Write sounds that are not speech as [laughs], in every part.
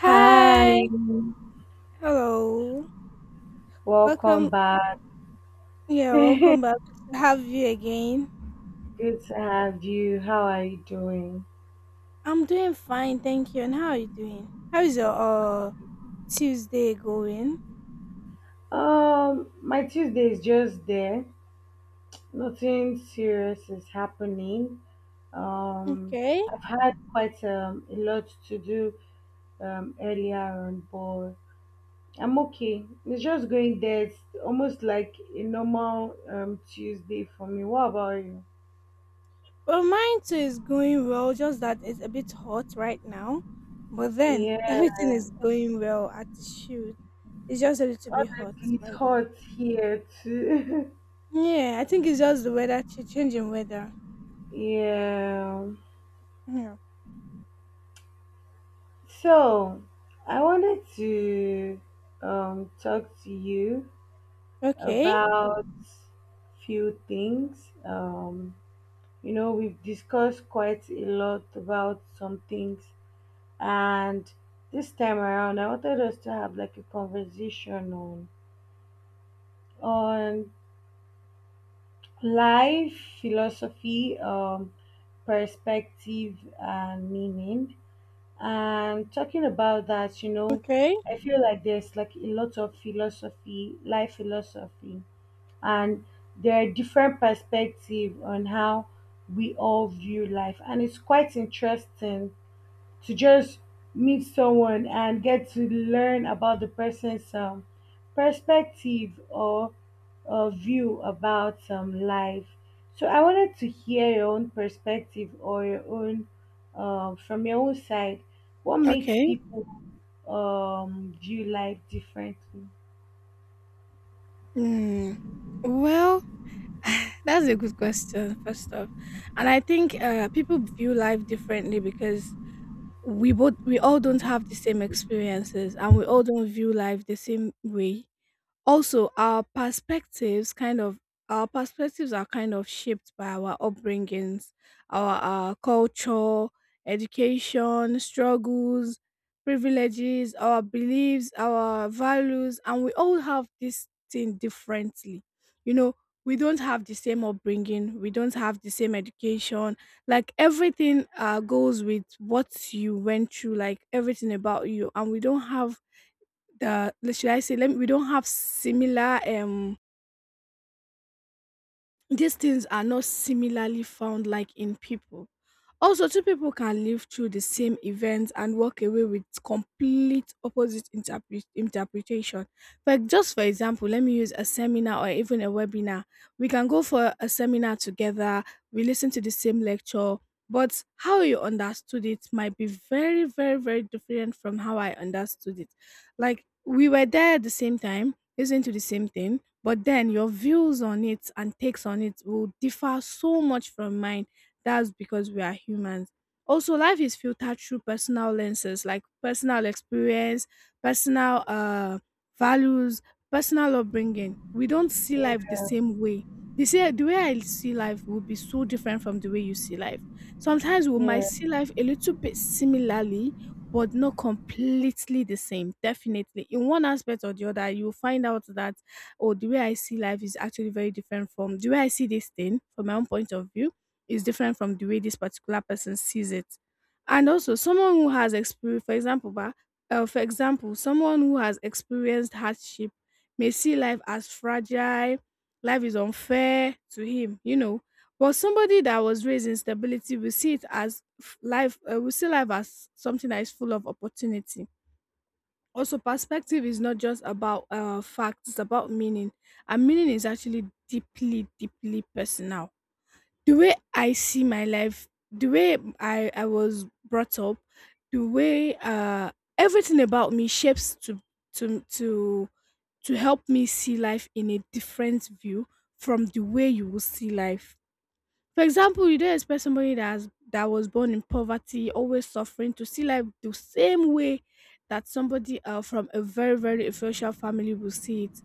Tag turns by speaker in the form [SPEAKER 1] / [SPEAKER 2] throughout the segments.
[SPEAKER 1] Hi.
[SPEAKER 2] Hi,
[SPEAKER 1] Hello.
[SPEAKER 2] welcome
[SPEAKER 1] Welcome.
[SPEAKER 2] back. [laughs]
[SPEAKER 1] Yeah,
[SPEAKER 2] Good
[SPEAKER 1] welcome back. Good to have you again.
[SPEAKER 2] to have you. How are you doing?
[SPEAKER 1] I'm doing fine, thank you. And how are you doing? How is your Tuesday going?
[SPEAKER 2] My Tuesday is just there. Nothing serious is happening. Um,
[SPEAKER 1] Okay.
[SPEAKER 2] I've had quite a lot to do earlier on, but I'm okay. It's just going there. It's almost like a normal Tuesday for me. What about you?
[SPEAKER 1] Well, mine too is going well, just that it's a bit hot right now. But then [laughs] everything
[SPEAKER 2] Yeah,
[SPEAKER 1] is going well at the shoot. It's just a little bit hot
[SPEAKER 2] honestly, it's
[SPEAKER 1] right now.
[SPEAKER 2] hot here too. [laughs]
[SPEAKER 1] Yeah, I think it's just the weather changing weather.
[SPEAKER 2] Yeah.
[SPEAKER 1] Yeah.
[SPEAKER 2] So I wanted to talk to you
[SPEAKER 1] Okay.
[SPEAKER 2] about few things. We've discussed quite a lot about some things, and this time around, I wanted us to have like a conversation on on life, philosophy, perspective, and meaning. And talking about that,
[SPEAKER 1] Okay.
[SPEAKER 2] I feel like there's like a lot of philosophy, life philosophy, and there are different perspectives on how we all view life, and it's quite interesting to just meet someone and get to learn about the person's perspective or view about life. So I wanted to hear your own perspective or your own from your own side. What makes
[SPEAKER 1] Okay.
[SPEAKER 2] people view life differently?
[SPEAKER 1] Mm. Well, [laughs] that's a good question, first off. And I think people view life differently because we all don't have the same experiences and we all don't view life the same way. Also, our perspectives are kind of shaped by our upbringings, our culture, education, struggles, privileges, our beliefs, our values, and we all have this thing differently. You know, we don't have the same upbringing, we don't have the same education. Like everything goes with what you went through, like everything about you, and we don't have the le- should I say let we don't have similar these things are not similarly found like in people. Also, two people can live through the same event and walk away with complete opposite interpretation. But just for example, let me use a seminar or even a webinar. We can go for a seminar together, we listen to the same lecture, but how you understood it might be very, very, very different from how I understood it. Like, we were there at the same time, listening to the same thing, but then your views on it and takes on it will differ so much from mine. That's because we are humans. Also, life is filtered through personal lenses like personal experience, personal values, personal upbringing. We don't see life
[SPEAKER 2] Yeah,
[SPEAKER 1] the same way. The way I see life will be so different from the way you see life. Sometimes we might
[SPEAKER 2] yeah,
[SPEAKER 1] see life a little bit similarly, but not completely the same. Definitely, in one aspect or the other, you'll find out that oh, the way I see life is actually very different from the way I see this thing. From my own point of view is different from the way this particular person sees it. And also, someone who has experienced, for example, bah, for example, someone who has experienced hardship may see life as fragile, life is unfair to him, you know. But somebody that was raised in stability will see it as will see life as something that is full of opportunity. Also, perspective is not just about facts, it's about meaning. And meaning is actually deeply, deeply personal. The way I see my life, the way I was brought up, the way everything about me shapes to to to help me see life in a different view from the way you will see life. For example, you don't expect somebody that that was born in poverty, always suffering, to see life the same way that somebody from a very, very influential family will see it.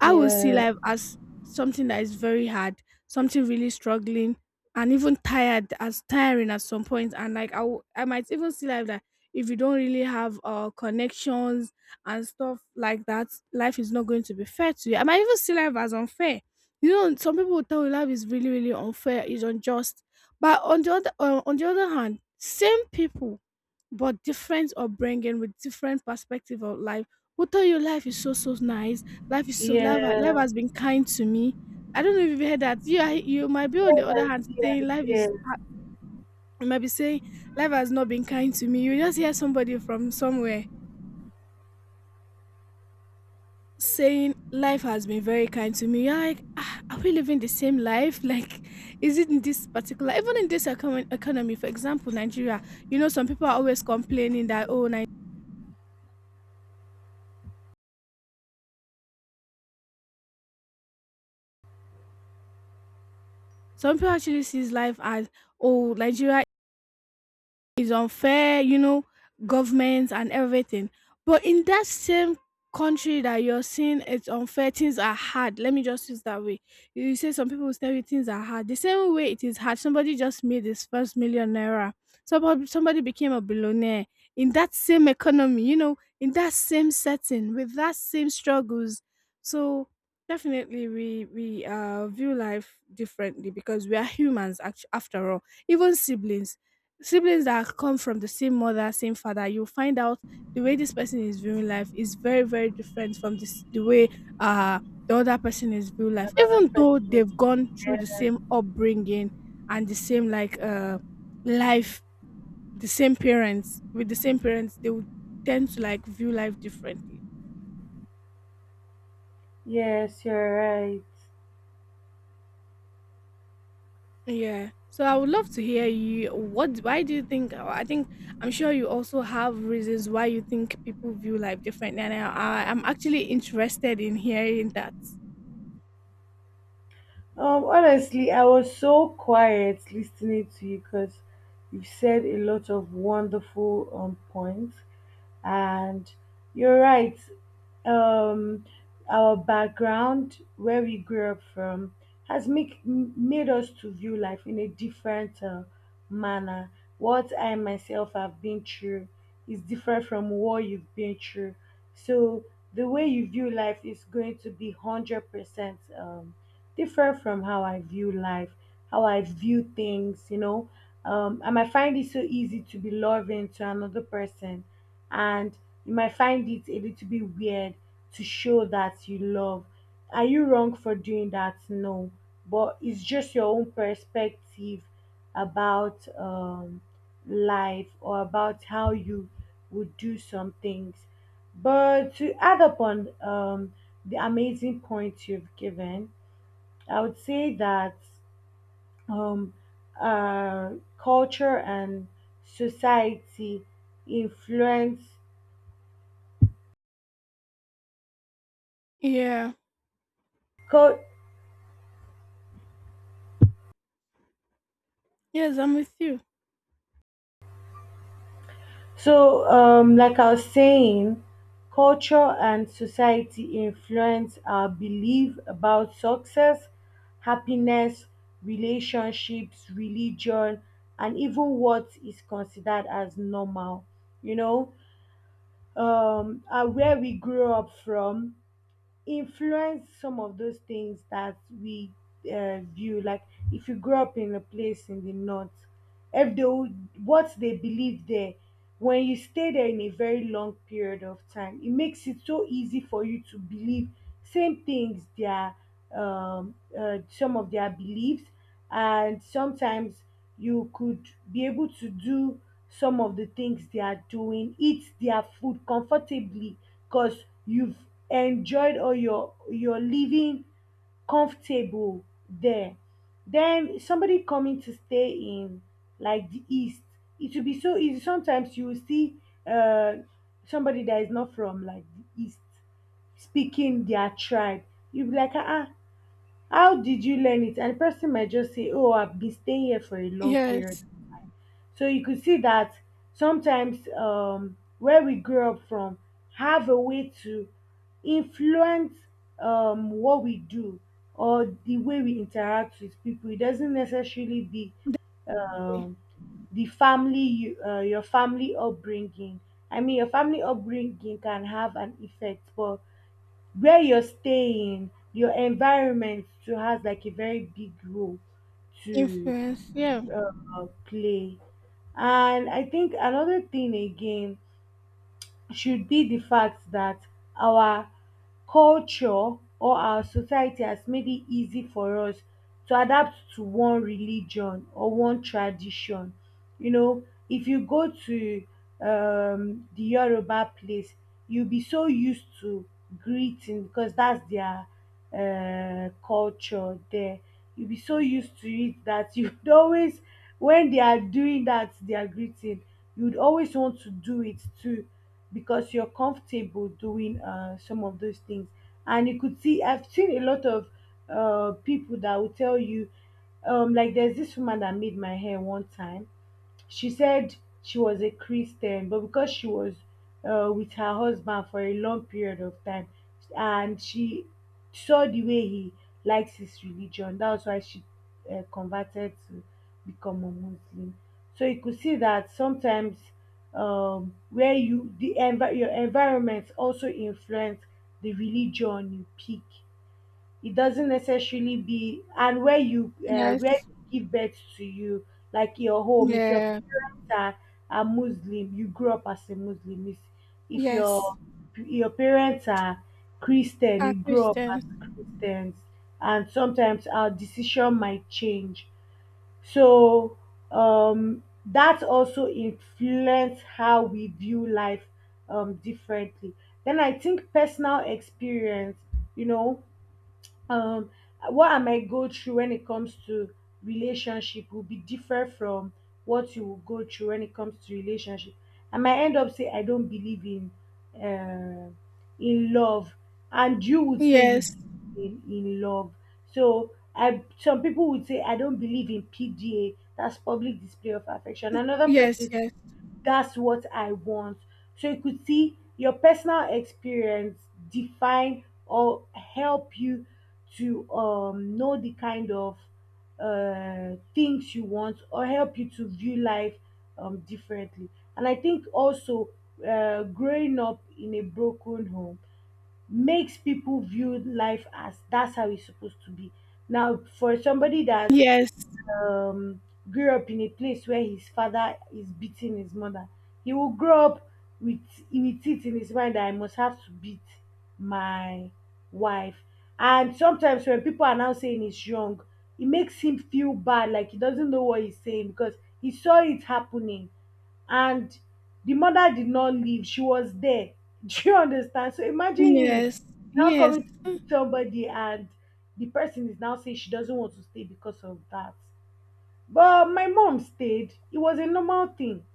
[SPEAKER 1] I will see
[SPEAKER 2] yeah,
[SPEAKER 1] life as something that is very hard, something really struggling, and even tired as tiring at some point. And I might even see life that if you don't really have connections and stuff like that, life is not going to be fair to you. I might even see life as unfair. You know, some people will tell you life is really, really unfair, it's unjust. But on the other hand, same people but different upbringing with different perspective of life will tell you life is so, so nice. Life is so life, ha- life
[SPEAKER 2] yeah.
[SPEAKER 1] has been kind to me. I don't know if you've heard that. Yeah, you might be on
[SPEAKER 2] Yes,
[SPEAKER 1] the other hand
[SPEAKER 2] yes,
[SPEAKER 1] saying life is
[SPEAKER 2] yes.
[SPEAKER 1] you might be saying life has not been kind to me. You just hear somebody from somewhere saying life has been very kind to me. You're like, ah, are we living the same life? [laughs] Like, is it in this particular even in this economy, for example, Nigeria, you know, some people are always complaining that oh Nigeria some people actually sees life as oh, Nigeria, it's unfair, you know, governments and everything. But in that same country that you're saying it's unfair, things are hard. Let me just use that way. You say some people will tell you things are hard. The same way it is hard. Somebody just made his first million naira. Somebody became a billionaire in that same economy, you know, in that same setting, with that same struggles. So definitely we view life differently because we are humans, after all, even siblings, siblings that come from the same mother, same father, you'll find out the way this person is viewing life is very, very different from this the way uh the other person is viewing life.
[SPEAKER 2] Another
[SPEAKER 1] Even though they've
[SPEAKER 2] person.
[SPEAKER 1] gone through the same upbringing and the same like life, the same parents, they would tend to like view life differently.
[SPEAKER 2] Yes, you're right.
[SPEAKER 1] Yeah. So I would love to hear you. What? Why do you think? I think I'm sure you also have reasons why you think people view life differently, and I'm actually interested in hearing that.
[SPEAKER 2] Honestly, I was so quiet listening to you because you've said a lot of wonderful points. And you're right. Um, our background, where we grew up from, has made us to view life in a different manner. What I myself have been through is different from what you've been through. So the way you view life is going to be 100% different from how I view life, how I view things. I might find it so easy to be loving to another person, and you might find it a little bit weird to show that you love. Are you wrong for doing that? No, but it's just your own perspective about life or about how you would do some things. But to add upon the amazing points you've given, I would say that um, uh, culture and society influence.
[SPEAKER 1] Yeah.
[SPEAKER 2] Cul-
[SPEAKER 1] Yes, I'm with you.
[SPEAKER 2] so, like I was saying, culture and society influence our belief about success, happiness, relationships, religion, and even what is considered as normal. You know, where we grew up from, influence some of those things that we view. Like if you grew up in a place in the north, if they would- what they believe there, when you stay there in a very long period of time, it makes it so easy for you to believe same things. Their some of their beliefs, and sometimes you could be able to do some of the things they are doing, eat their food comfortably because you've enjoyed or you're living comfortable there. Then somebody coming to stay in like the east, it will be so easy. Sometimes you will see uh somebody that is not from like the east speaking their tribe. You'll be like, ah, ah, how did you learn it? And the person might just say, "Oh, I've been staying here for a long period
[SPEAKER 1] Yes.
[SPEAKER 2] of time." So you could see that sometimes where we grew up from have a way to influence what we do or the way we interact with people. It doesn't necessarily be um, the your family upbringing. I mean, your family upbringing can have an effect, but where you're staying, your environment too has like a very big role to
[SPEAKER 1] Influence. Yeah.
[SPEAKER 2] play. And I think another thing again should be the fact that our culture or our society has made it easy for us to adapt to one religion or one tradition. You know, if you go to the Yoruba place, you'll be so used to greeting because that's their culture there. You'll be so used to it that you'd [laughs] always, when they are doing that, they are greeting you'd always want to do it too because you're comfortable doing some of those things. And you could see, I've seen a lot of people that will tell you, like there's this woman that made my hair one time she said she was a Christian, but because she was with her husband for a long period of time, and she saw the way he likes his religion, that was why she converted to become a Muslim. So you could see that sometimes where you the your environment also influence the religion you pick. It doesn't necessarily be and where you
[SPEAKER 1] Yes.
[SPEAKER 2] give birth to you, like your home. If your
[SPEAKER 1] Yeah.
[SPEAKER 2] parents are Muslim, you grew up as a Muslim. If
[SPEAKER 1] Yes.
[SPEAKER 2] your your parents are Christian,
[SPEAKER 1] Are
[SPEAKER 2] you grow up as
[SPEAKER 1] Christians.
[SPEAKER 2] Christians, and sometimes our decision might change. So that also influence how we view life differently. Then I think personal experience, you know, um what I might go through when it comes to relationship will be different from what you will go through when it comes to relationship. I might end up say I don't believe uh, in love, and you would say you
[SPEAKER 1] Yes.
[SPEAKER 2] believe in love. So I some people would say I don't believe in PDA, that's public display of affection. Another
[SPEAKER 1] Yes. Yes.
[SPEAKER 2] person, that's what I want. So you could see your personal experience define or help you to know the kind of things you want or help you to view life differently. And I think also growing up in a broken home makes people view life as that's how it's supposed to be. Now, for somebody that
[SPEAKER 1] Yes.
[SPEAKER 2] um, grew up in a place where his father is beating his mother, he will grow up with with it in his mind that I must have to beat my wife. And sometimes when people are now saying he's young, it makes him feel bad, like he doesn't know what he's saying because he saw it happening. And the mother did not leave, she was there. [laughs] Do you understand? So imagine him
[SPEAKER 1] Yes.
[SPEAKER 2] now
[SPEAKER 1] Yes.
[SPEAKER 2] coming to meet somebody and the person is now saying she doesn't want to stay because of that. But my mom stayed. It was a normal thing.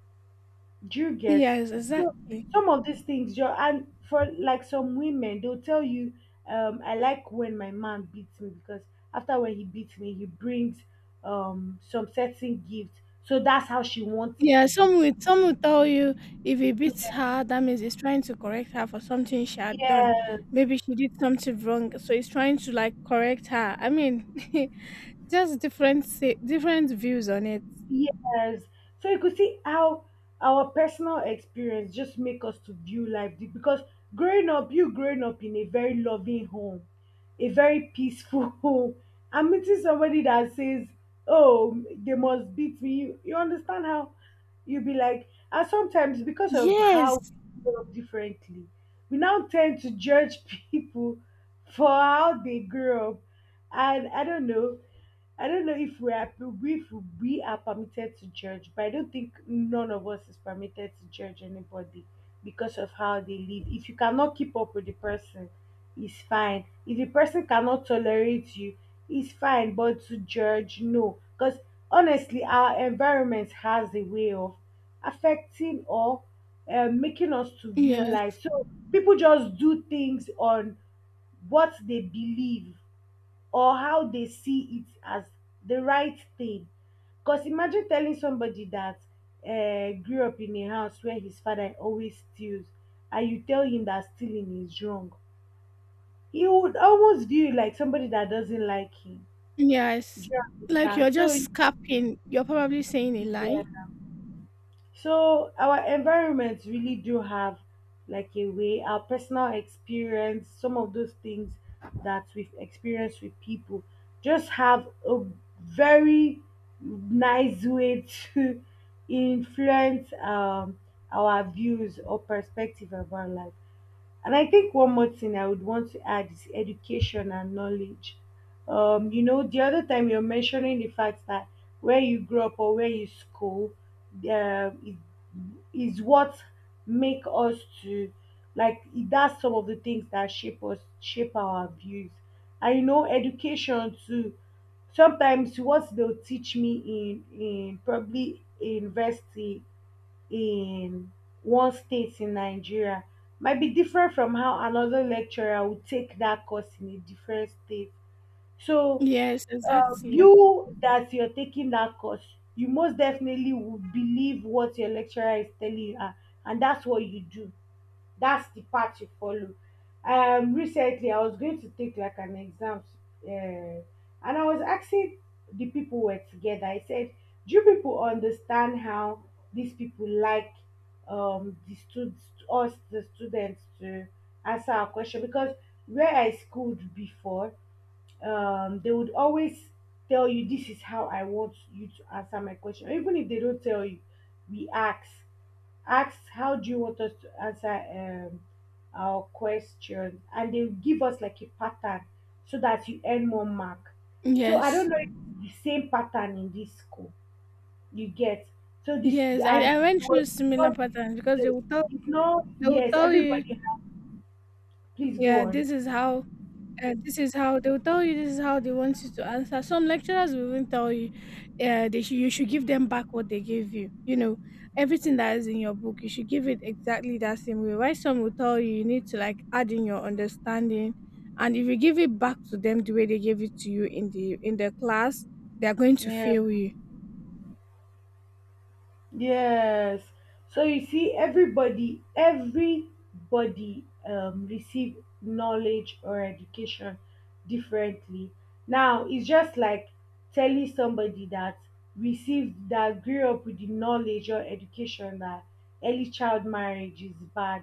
[SPEAKER 2] Do you get?
[SPEAKER 1] Yes.
[SPEAKER 2] So
[SPEAKER 1] Exactly.
[SPEAKER 2] some of these things, your and for like some women, they'll tell you, I like when my man beats me because after when he beats me, he brings some certain gift. So that's how she wants it
[SPEAKER 1] Yeah,
[SPEAKER 2] to be.
[SPEAKER 1] some will tell you if he beats her, that means he's trying to correct her for something she had done.
[SPEAKER 2] Yeah.
[SPEAKER 1] Maybe she did something wrong, so he's trying to like correct her. I mean, [laughs] different views on it.
[SPEAKER 2] Yes. So you could see how our personal experience just make us to view life because growing up, you growing up in a very loving home, a very peaceful [laughs] home, and meeting somebody that says, "Oh, they must beat me." You understand how you be like, and sometimes because of how
[SPEAKER 1] Yes,
[SPEAKER 2] we grow up differently, we now tend to judge [laughs] people for how they grew up, and I don't know. I don't know if we are permitted to judge, but I don't think none of us is permitted to judge anybody because of how they live. If you cannot keep up with the person, it's fine. If the person cannot tolerate you, it's fine. But to judge, no, because honestly, our environment has a way of affecting or making us to view
[SPEAKER 1] yes,
[SPEAKER 2] life. So people just do things on what they believe or how they see it as the right thing. Because imagine telling somebody that grew up in a house where his father always steals, and you tell him that stealing is wrong. He would almost view you like somebody that doesn't like him.
[SPEAKER 1] yes.
[SPEAKER 2] Do you
[SPEAKER 1] Like
[SPEAKER 2] understand?
[SPEAKER 1] you're just
[SPEAKER 2] So,
[SPEAKER 1] scapping. You're probably saying a lie.
[SPEAKER 2] yeah. So our environments really do have like a way, our personal experience, some of those things that we've experienced with people just have a very nice way to [laughs] influence our views or perspective about life. And I think one more thing I would want to add is education and knowledge. You know, the other time you're mentioning the fact that where you grew up or where you school uh, is, is what make us to like it that's some of the things that shape us, shape our views. And you know, education too. Sometimes what they'll teach me in probably in university in one state in Nigeria might be different from how another lecturer would take that course in a different state. So
[SPEAKER 1] Yes, exactly.
[SPEAKER 2] you that you're taking that course, you most definitely will believe what your lecturer is telling you, ah, and that's what you do, that's the path you follow. Recently, I was going to take like an exam, and I was asking the people who were together. I said, "Do you people understand how these people like um the stud- us the students to answer our question?" Because where I schooled before, they would always tell you this is how I want you to answer my question. Even if they don't tell you, we ask. Ask how do you want us to answer um, our question, and they'll give us like a pattern so that you earn more mark. So I
[SPEAKER 1] Yes,
[SPEAKER 2] don't know if it's the same pattern in this school. You get so this
[SPEAKER 1] yes. I,
[SPEAKER 2] and
[SPEAKER 1] I went
[SPEAKER 2] it
[SPEAKER 1] through
[SPEAKER 2] was
[SPEAKER 1] similar
[SPEAKER 2] not
[SPEAKER 1] patterns because
[SPEAKER 2] so it's not
[SPEAKER 1] they will
[SPEAKER 2] yes
[SPEAKER 1] tell you,
[SPEAKER 2] everybody please go
[SPEAKER 1] yeah,
[SPEAKER 2] on.
[SPEAKER 1] this is how they will tell you this is how they want you to answer. Some lecturers will even tell you they should you should give them back what they gave you, you know, everything that is in your book, you should give it exactly that same way. Why, some will tell you, you need to like add in your understanding, and if you give it back to them the way they gave it to you in the class, they are going to
[SPEAKER 2] Yeah.
[SPEAKER 1] fail you.
[SPEAKER 2] Yes. So you see, everybody, everybody receive knowledge or education differently. Now it's just like telling somebody that received that grew up with the knowledge or education that early child marriage is bad,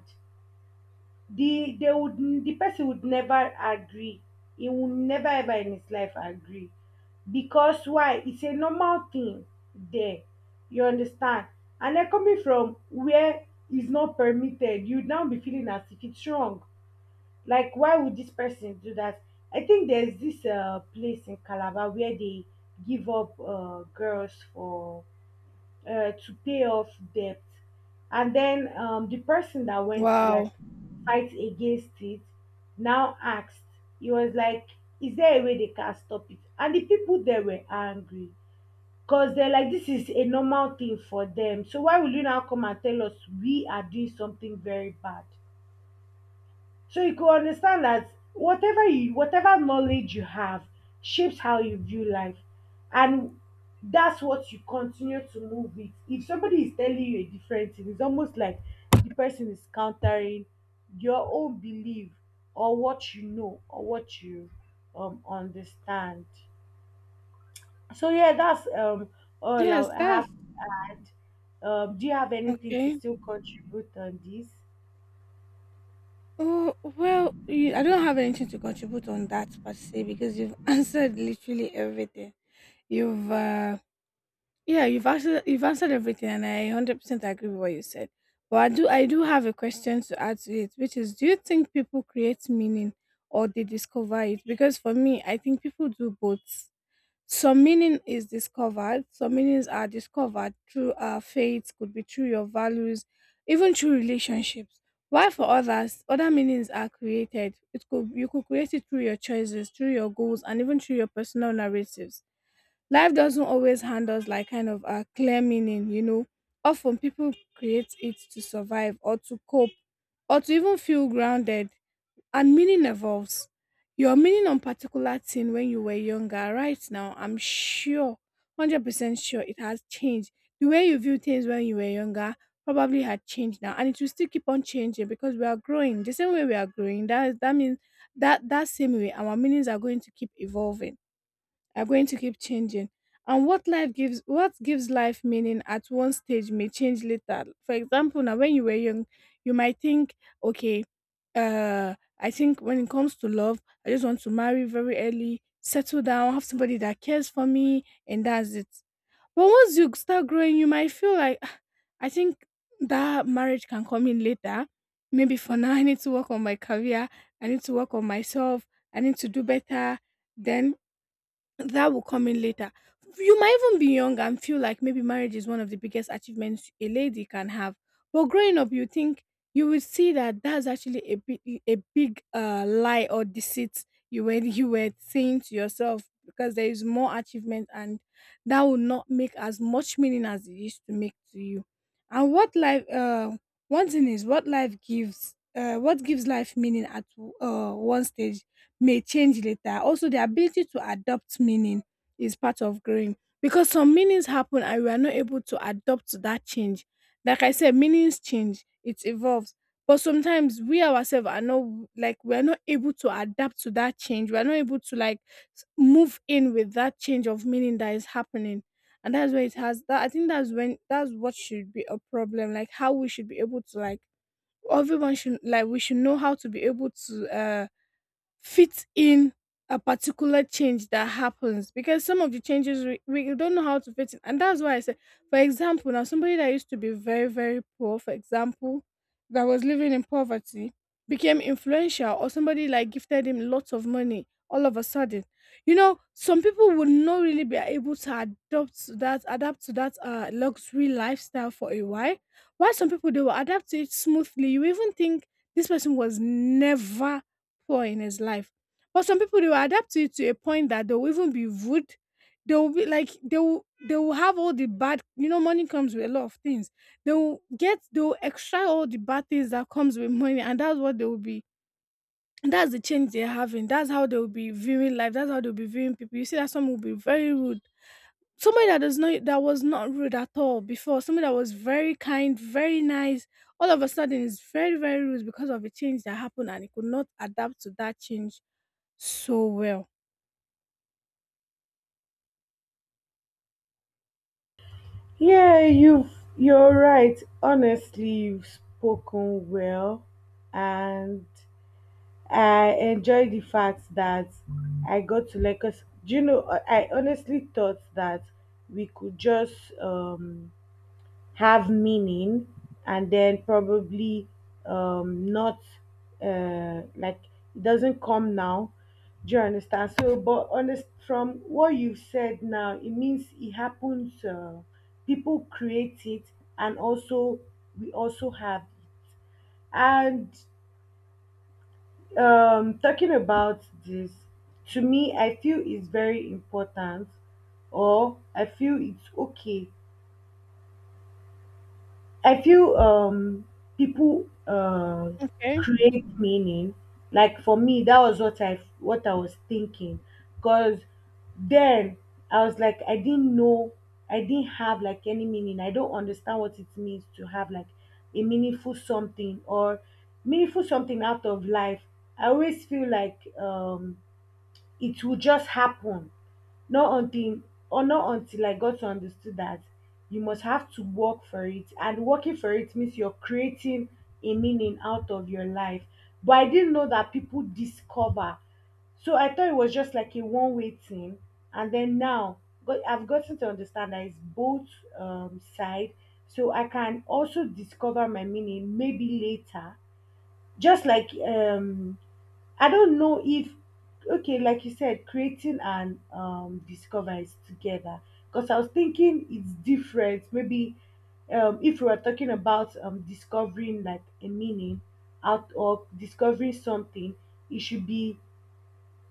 [SPEAKER 2] they would the person would never agree, he will never ever in his life agree, because why? It's a normal thing there, you understand? And then coming from where is not permitted, you now be feeling as if it's wrong, like why would this person do that? I think there's this place in Calabar where they give up girls for to pay off debt. And then the person that went to like
[SPEAKER 1] Wow.
[SPEAKER 2] fight against it now asked, he was like, "Is there a way they can stop it?" And the people there were angry because they're like, "This is a normal thing for them. So why will you now come and tell us we are doing something very bad?" So you could understand that whatever knowledge you have shapes how you view life, and that's what you continue to move with. If somebody is telling you a different thing, it's almost like the person is countering your own belief or what you know or what you understand. So yeah, that's all
[SPEAKER 1] Yes,
[SPEAKER 2] I have
[SPEAKER 1] that's
[SPEAKER 2] to add. Do you have anything to
[SPEAKER 1] okay.
[SPEAKER 2] still contribute on this?
[SPEAKER 1] Oh, well, I don't have anything to contribute on that per se because you've [laughs] answered literally everything. You've yeah, you've answered everything, and I 100% agree with what you said. But I do have a question to add to it, which is, do you think people create meaning or they discover it? Because for me, I think people do both. Some meaning is discovered. Some meanings are discovered through our faith, could be through your values, even through relationships. While for others, other meanings are created. It could you could create it through your choices, through your goals, and even through your personal narratives. Life doesn't always hand us like kind of a clear meaning, you know. Often people create it to survive or to cope or to even feel grounded. And meaning evolves. Your meaning on particular thing when you were younger, right now, I'm sure, 100% sure it has changed. The way you view things when you were younger probably had changed now, and it will still keep on changing because we are growing. The same way we are growing, that means that that same way our meanings are going to keep evolving, are going to keep changing. And what gives life meaning at one stage may change later. For example, now when you were young, you might think, okay, uh I think when it comes to love, I just want to marry very early, settle down, have somebody that cares for me, and that's it. But once you start growing, you might feel like, "Ah, I think that marriage can come in later. Maybe for now, [laughs] I need to work on my career, I need to work on myself, I need to do better, then that will come in later." You might even be young and feel like maybe marriage is one of the biggest achievements a lady can have. But growing up, you will see that that's actually a big lie or deceit you were saying to yourself, because there is more achievement, and that will not make as much meaning as it used to make to you. And what life? One thing is what life gives. What gives life meaning at one stage may change later. Also, the ability to adopt meaning is part of growing because some meanings happen and we are not able to adapt to that change. Like I said, meanings change, it evolves. But sometimes we ourselves are not like we are not able to adapt to that change. We are not able to move in with that change of meaning that is happening. And that's where it has that I think that's what should be a problem. Like how we should be able to everyone should like we should know how to be able to fit in a particular change that happens because some of the changes we don't know how to fit in, and that's why I said, for example, now somebody that used to be very very poor, for example, that was living in poverty, became influential, or somebody like gifted him lots of money all of a sudden, you know, some people would not really be able to adopt to that adapt to that luxury lifestyle for a while some people they will adapt to it smoothly. You even think this person was never poor in his life. But some people they will adapt to it to a point that they will even be rude. They will be like they will have all the bad, you know, money comes with a lot of things. They will extract all the bad things that comes with money, and that's what they will be, that's the change they're having. That's how they will be viewing life. That's how they'll be viewing people. You see that some will be very rude. Somebody that does not that was not rude at all before, somebody that was very kind, very nice, all of a sudden is very, very rude because of a change that happened and he could not adapt to that change so well.
[SPEAKER 2] Yeah, you're right. Honestly, you've spoken well, and I enjoy the fact that I got to Lagos. Do you know? I honestly thought that we could just have meaning, and then probably not like it doesn't come now, do you understand? So but honest, from what you've said now, it means it happens, people create it and also we also have it. And talking about this, to me I feel it's very important or I feel it's okay. I feel people
[SPEAKER 1] Okay.
[SPEAKER 2] create meaning. Like for me, that was what I was thinking, because then I was like, I didn't know, I didn't have like any meaning. I don't understand what it means to have like a meaningful something or meaningful something out of life. I always feel like it will just happen, not until or not until I got to understood that you must have to work for it. And working for it means you're creating a meaning out of your life. But I didn't know that people discover. So I thought it was just like a one way thing. And then I've gotten to understand that it's both side. So I can also discover my meaning maybe later. Just like I don't know if okay, like you said, creating and discoveries together. Because I was thinking it's different. Maybe if we were talking about discovering like a meaning out or discovering something, it should be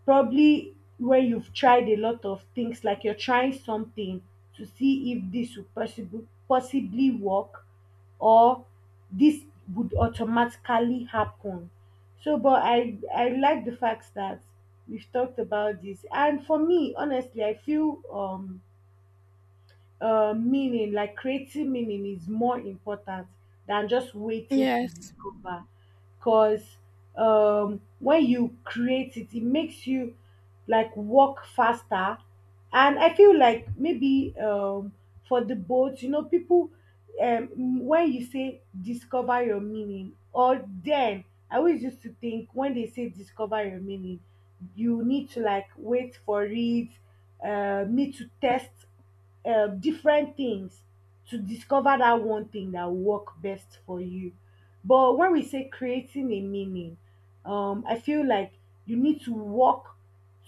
[SPEAKER 2] probably where you've tried a lot of things, like you're trying something to see if this would possibly work, or this would automatically happen. So, but I like the fact that we've talked about this, and for me, honestly, I feel meaning, like creating meaning, is more important than just waiting to
[SPEAKER 1] Yes.
[SPEAKER 2] discover. Because when you create it, it makes you like walk faster. And I feel like maybe for the boat, you know, people, um, when you say discover your meaning, or then I always used to think when they say discover your meaning, you need to like wait for it, need to test different things to discover that one thing that will work best for you. But when we say creating a meaning, I feel like you need to work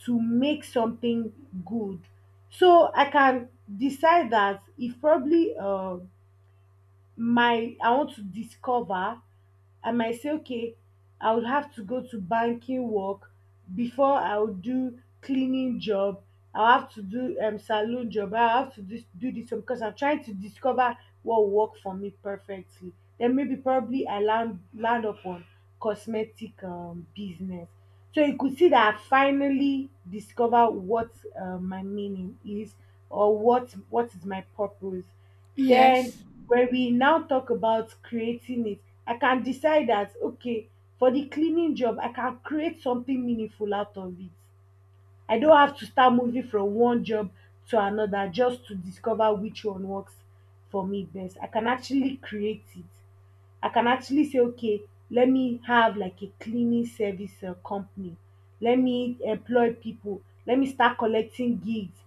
[SPEAKER 2] to make something good. So I can decide that if probably my I want to discover, I might say okay, I would have to go to banking work before I would do cleaning job, I have to do salon job, I have to do this one because I'm trying to discover what will work for me perfectly. Then maybe probably I land up on cosmetic business. So you could see that I finally discover what my meaning is or what is my purpose. Then
[SPEAKER 1] Yes.
[SPEAKER 2] when we now talk about creating it, I can decide that okay, for the cleaning job, I can create something meaningful out of it. I don't have to start moving from one job to another just to discover which one works for me best. I can actually create it. I can actually say, okay, let me have like a cleaning service company. Let me employ people. Let me start collecting gigs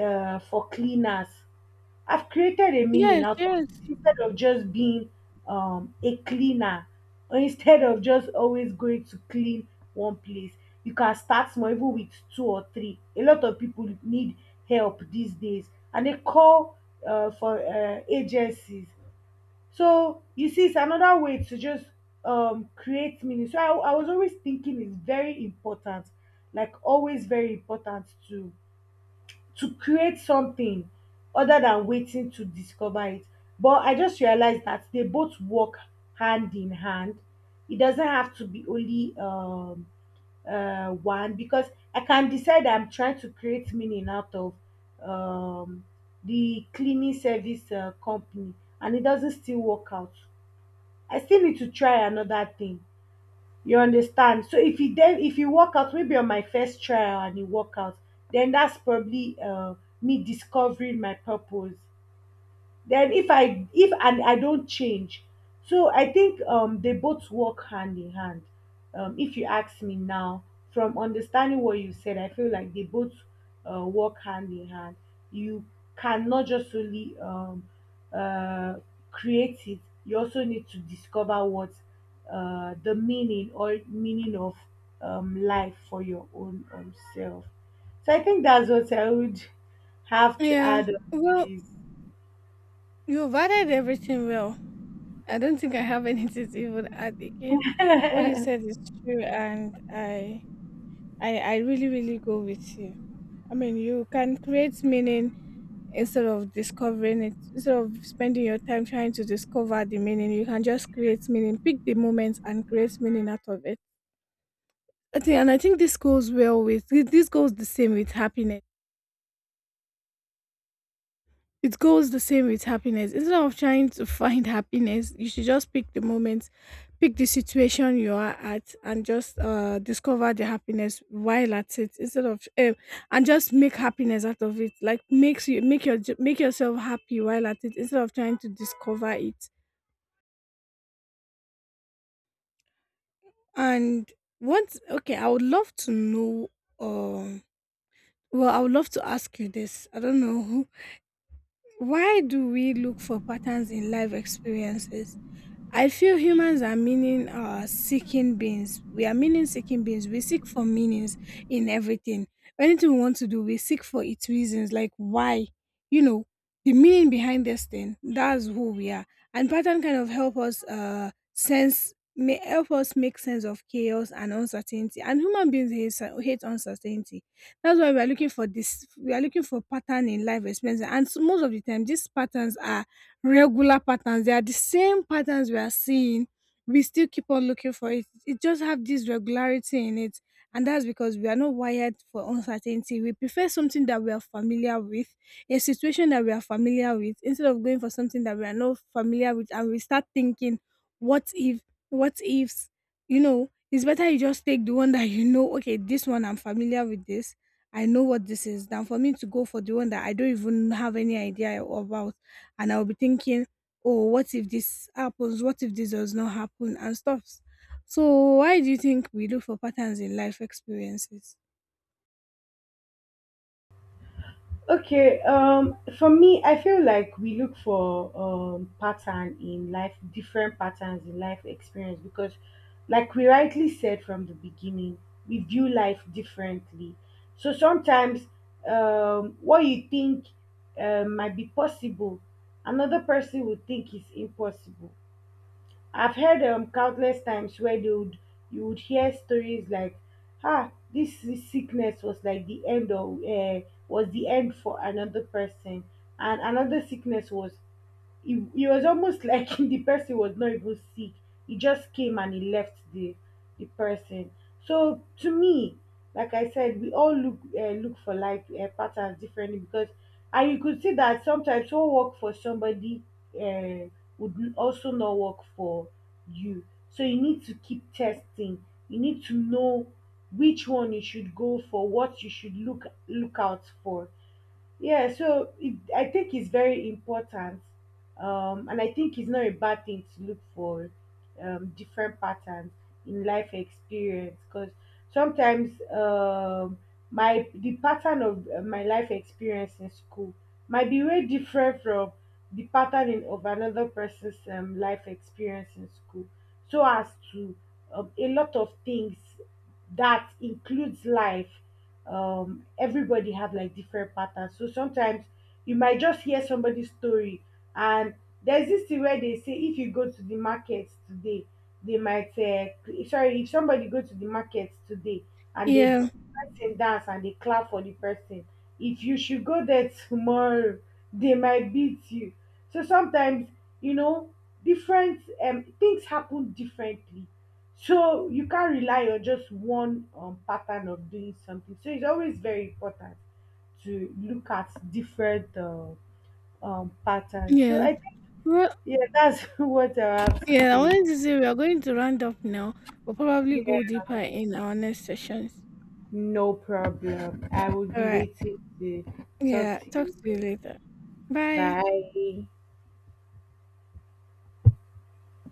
[SPEAKER 2] for cleaners. I've created a meaning
[SPEAKER 1] Yes.
[SPEAKER 2] out of
[SPEAKER 1] Yes.
[SPEAKER 2] it instead of just being a cleaner, or instead of just always going to clean one place. You can start small, even with two or three. A lot of people need help these days and they call for agencies. So you see, it's another way to just create meaning. So I was always thinking it's very important, like always very important to create something other than waiting to discover it. But I just realized that they both work hand in hand. It doesn't have to be only one, because I can decide I'm trying to create meaning out of um, the cleaning service company and it doesn't still work out. I still need to try another thing, you understand? So if you then if you work out maybe on my first trial and you work out, then that's probably me discovering my purpose. Then if and I don't change. So I think they both work hand in hand. If you ask me now, from understanding what you said, I feel like they both work hand in hand. You cannot just only uh create it, you also need to discover what the meaning or meaning of life for your own self. So I think that's what I would have to
[SPEAKER 1] Yeah.
[SPEAKER 2] add on
[SPEAKER 1] Well,
[SPEAKER 2] this.
[SPEAKER 1] you've added everything well. I don't think I have [laughs] anything to even add again. What you
[SPEAKER 2] [laughs]
[SPEAKER 1] said is true, and I really, really go with you. I mean, you can create meaning instead of discovering it. Instead of spending your time trying to discover the meaning, you can just create meaning. Pick the moments and create meaning out of it. I think, and I think this goes well with. This goes the same with happiness. It goes the same with happiness. Instead of trying to find happiness, you should just pick the moment, pick the situation you are at, and just discover the happiness while at it. Instead of and just make happiness out of it. Like make yourself happy while at it. Instead of trying to discover it. And once okay, I would love to know. Um, I would love to ask you this. I don't know, why do we look for patterns in life experiences? I feel humans are meaning seeking beings. We are meaning seeking beings. We seek for meanings in everything. Anything we want to do, we seek for its reasons, like why, you know, the meaning behind this thing. That's who we are. And pattern kind of may help us make sense of chaos and uncertainty. And human beings hate, hate uncertainty. That's why we are looking for this. We are looking for pattern in life experience. And so most of the time, these patterns are regular patterns. They are the same patterns we are seeing. We still keep on looking for it. It just have this regularity in it. And that's because we are not wired for uncertainty. We prefer something that we are familiar with, a situation that we are familiar with, instead of going for something that we are not familiar with. And we start thinking, what if, what ifs, you know, it's better you just take the one that you know. Okay, this one, I'm familiar with this. I know what this is, than for me to go for the one that I don't even have any idea about, and I'll be thinking, oh, what if this happens? What if this does not happen? And stuff. So why do you think we look for patterns in life experiences?
[SPEAKER 2] Okay, for me, I feel like we look for pattern in life, different patterns in life experience because, like we rightly said from the beginning, we view life differently. So sometimes, what you think might be possible, another person would think is impossible. I've heard countless times where they would you would hear stories like, ah, this sickness was like the end of was the end for another person, and another sickness was it was almost like [laughs] the person was not even sick, he just came and he left the person. So to me, like I said, we all look for life patterns differently, because and you could see that sometimes what work for somebody uh, would also not work for you. So you need to keep testing, you need to know which one you should go for, what you should look out for. Yeah, so it, I think it's very important, and I think it's not a bad thing to look for different patterns in life experience, because sometimes my the pattern of my life experience in school might be very different from the pattern in, of another person's life experience in school, so as to a lot of things that includes life. Everybody have like different patterns, so sometimes you might just hear somebody's story, and there's this thing where they say if you go to the market today, they might sorry, if somebody go to the market today and they
[SPEAKER 1] Yeah,
[SPEAKER 2] dance and dance and they clap for the person, if you should go there [laughs] tomorrow, they might beat you. So sometimes, you know, different things happen differently, so you can't rely on just one pattern of doing something. So it's always very important to look at different patterns. So
[SPEAKER 1] yeah.
[SPEAKER 2] I think,
[SPEAKER 1] Well,
[SPEAKER 2] yeah, that's [laughs] what I have to
[SPEAKER 1] yeah, I
[SPEAKER 2] say.
[SPEAKER 1] wanted to say we are going to round up now. We'll probably go
[SPEAKER 2] Yeah,
[SPEAKER 1] deeper in our next sessions.
[SPEAKER 2] no problem. I will
[SPEAKER 1] All
[SPEAKER 2] be
[SPEAKER 1] right.
[SPEAKER 2] waiting to
[SPEAKER 1] Yeah,
[SPEAKER 2] talk to
[SPEAKER 1] talk to you
[SPEAKER 2] you.
[SPEAKER 1] later. Bye.
[SPEAKER 2] Bye.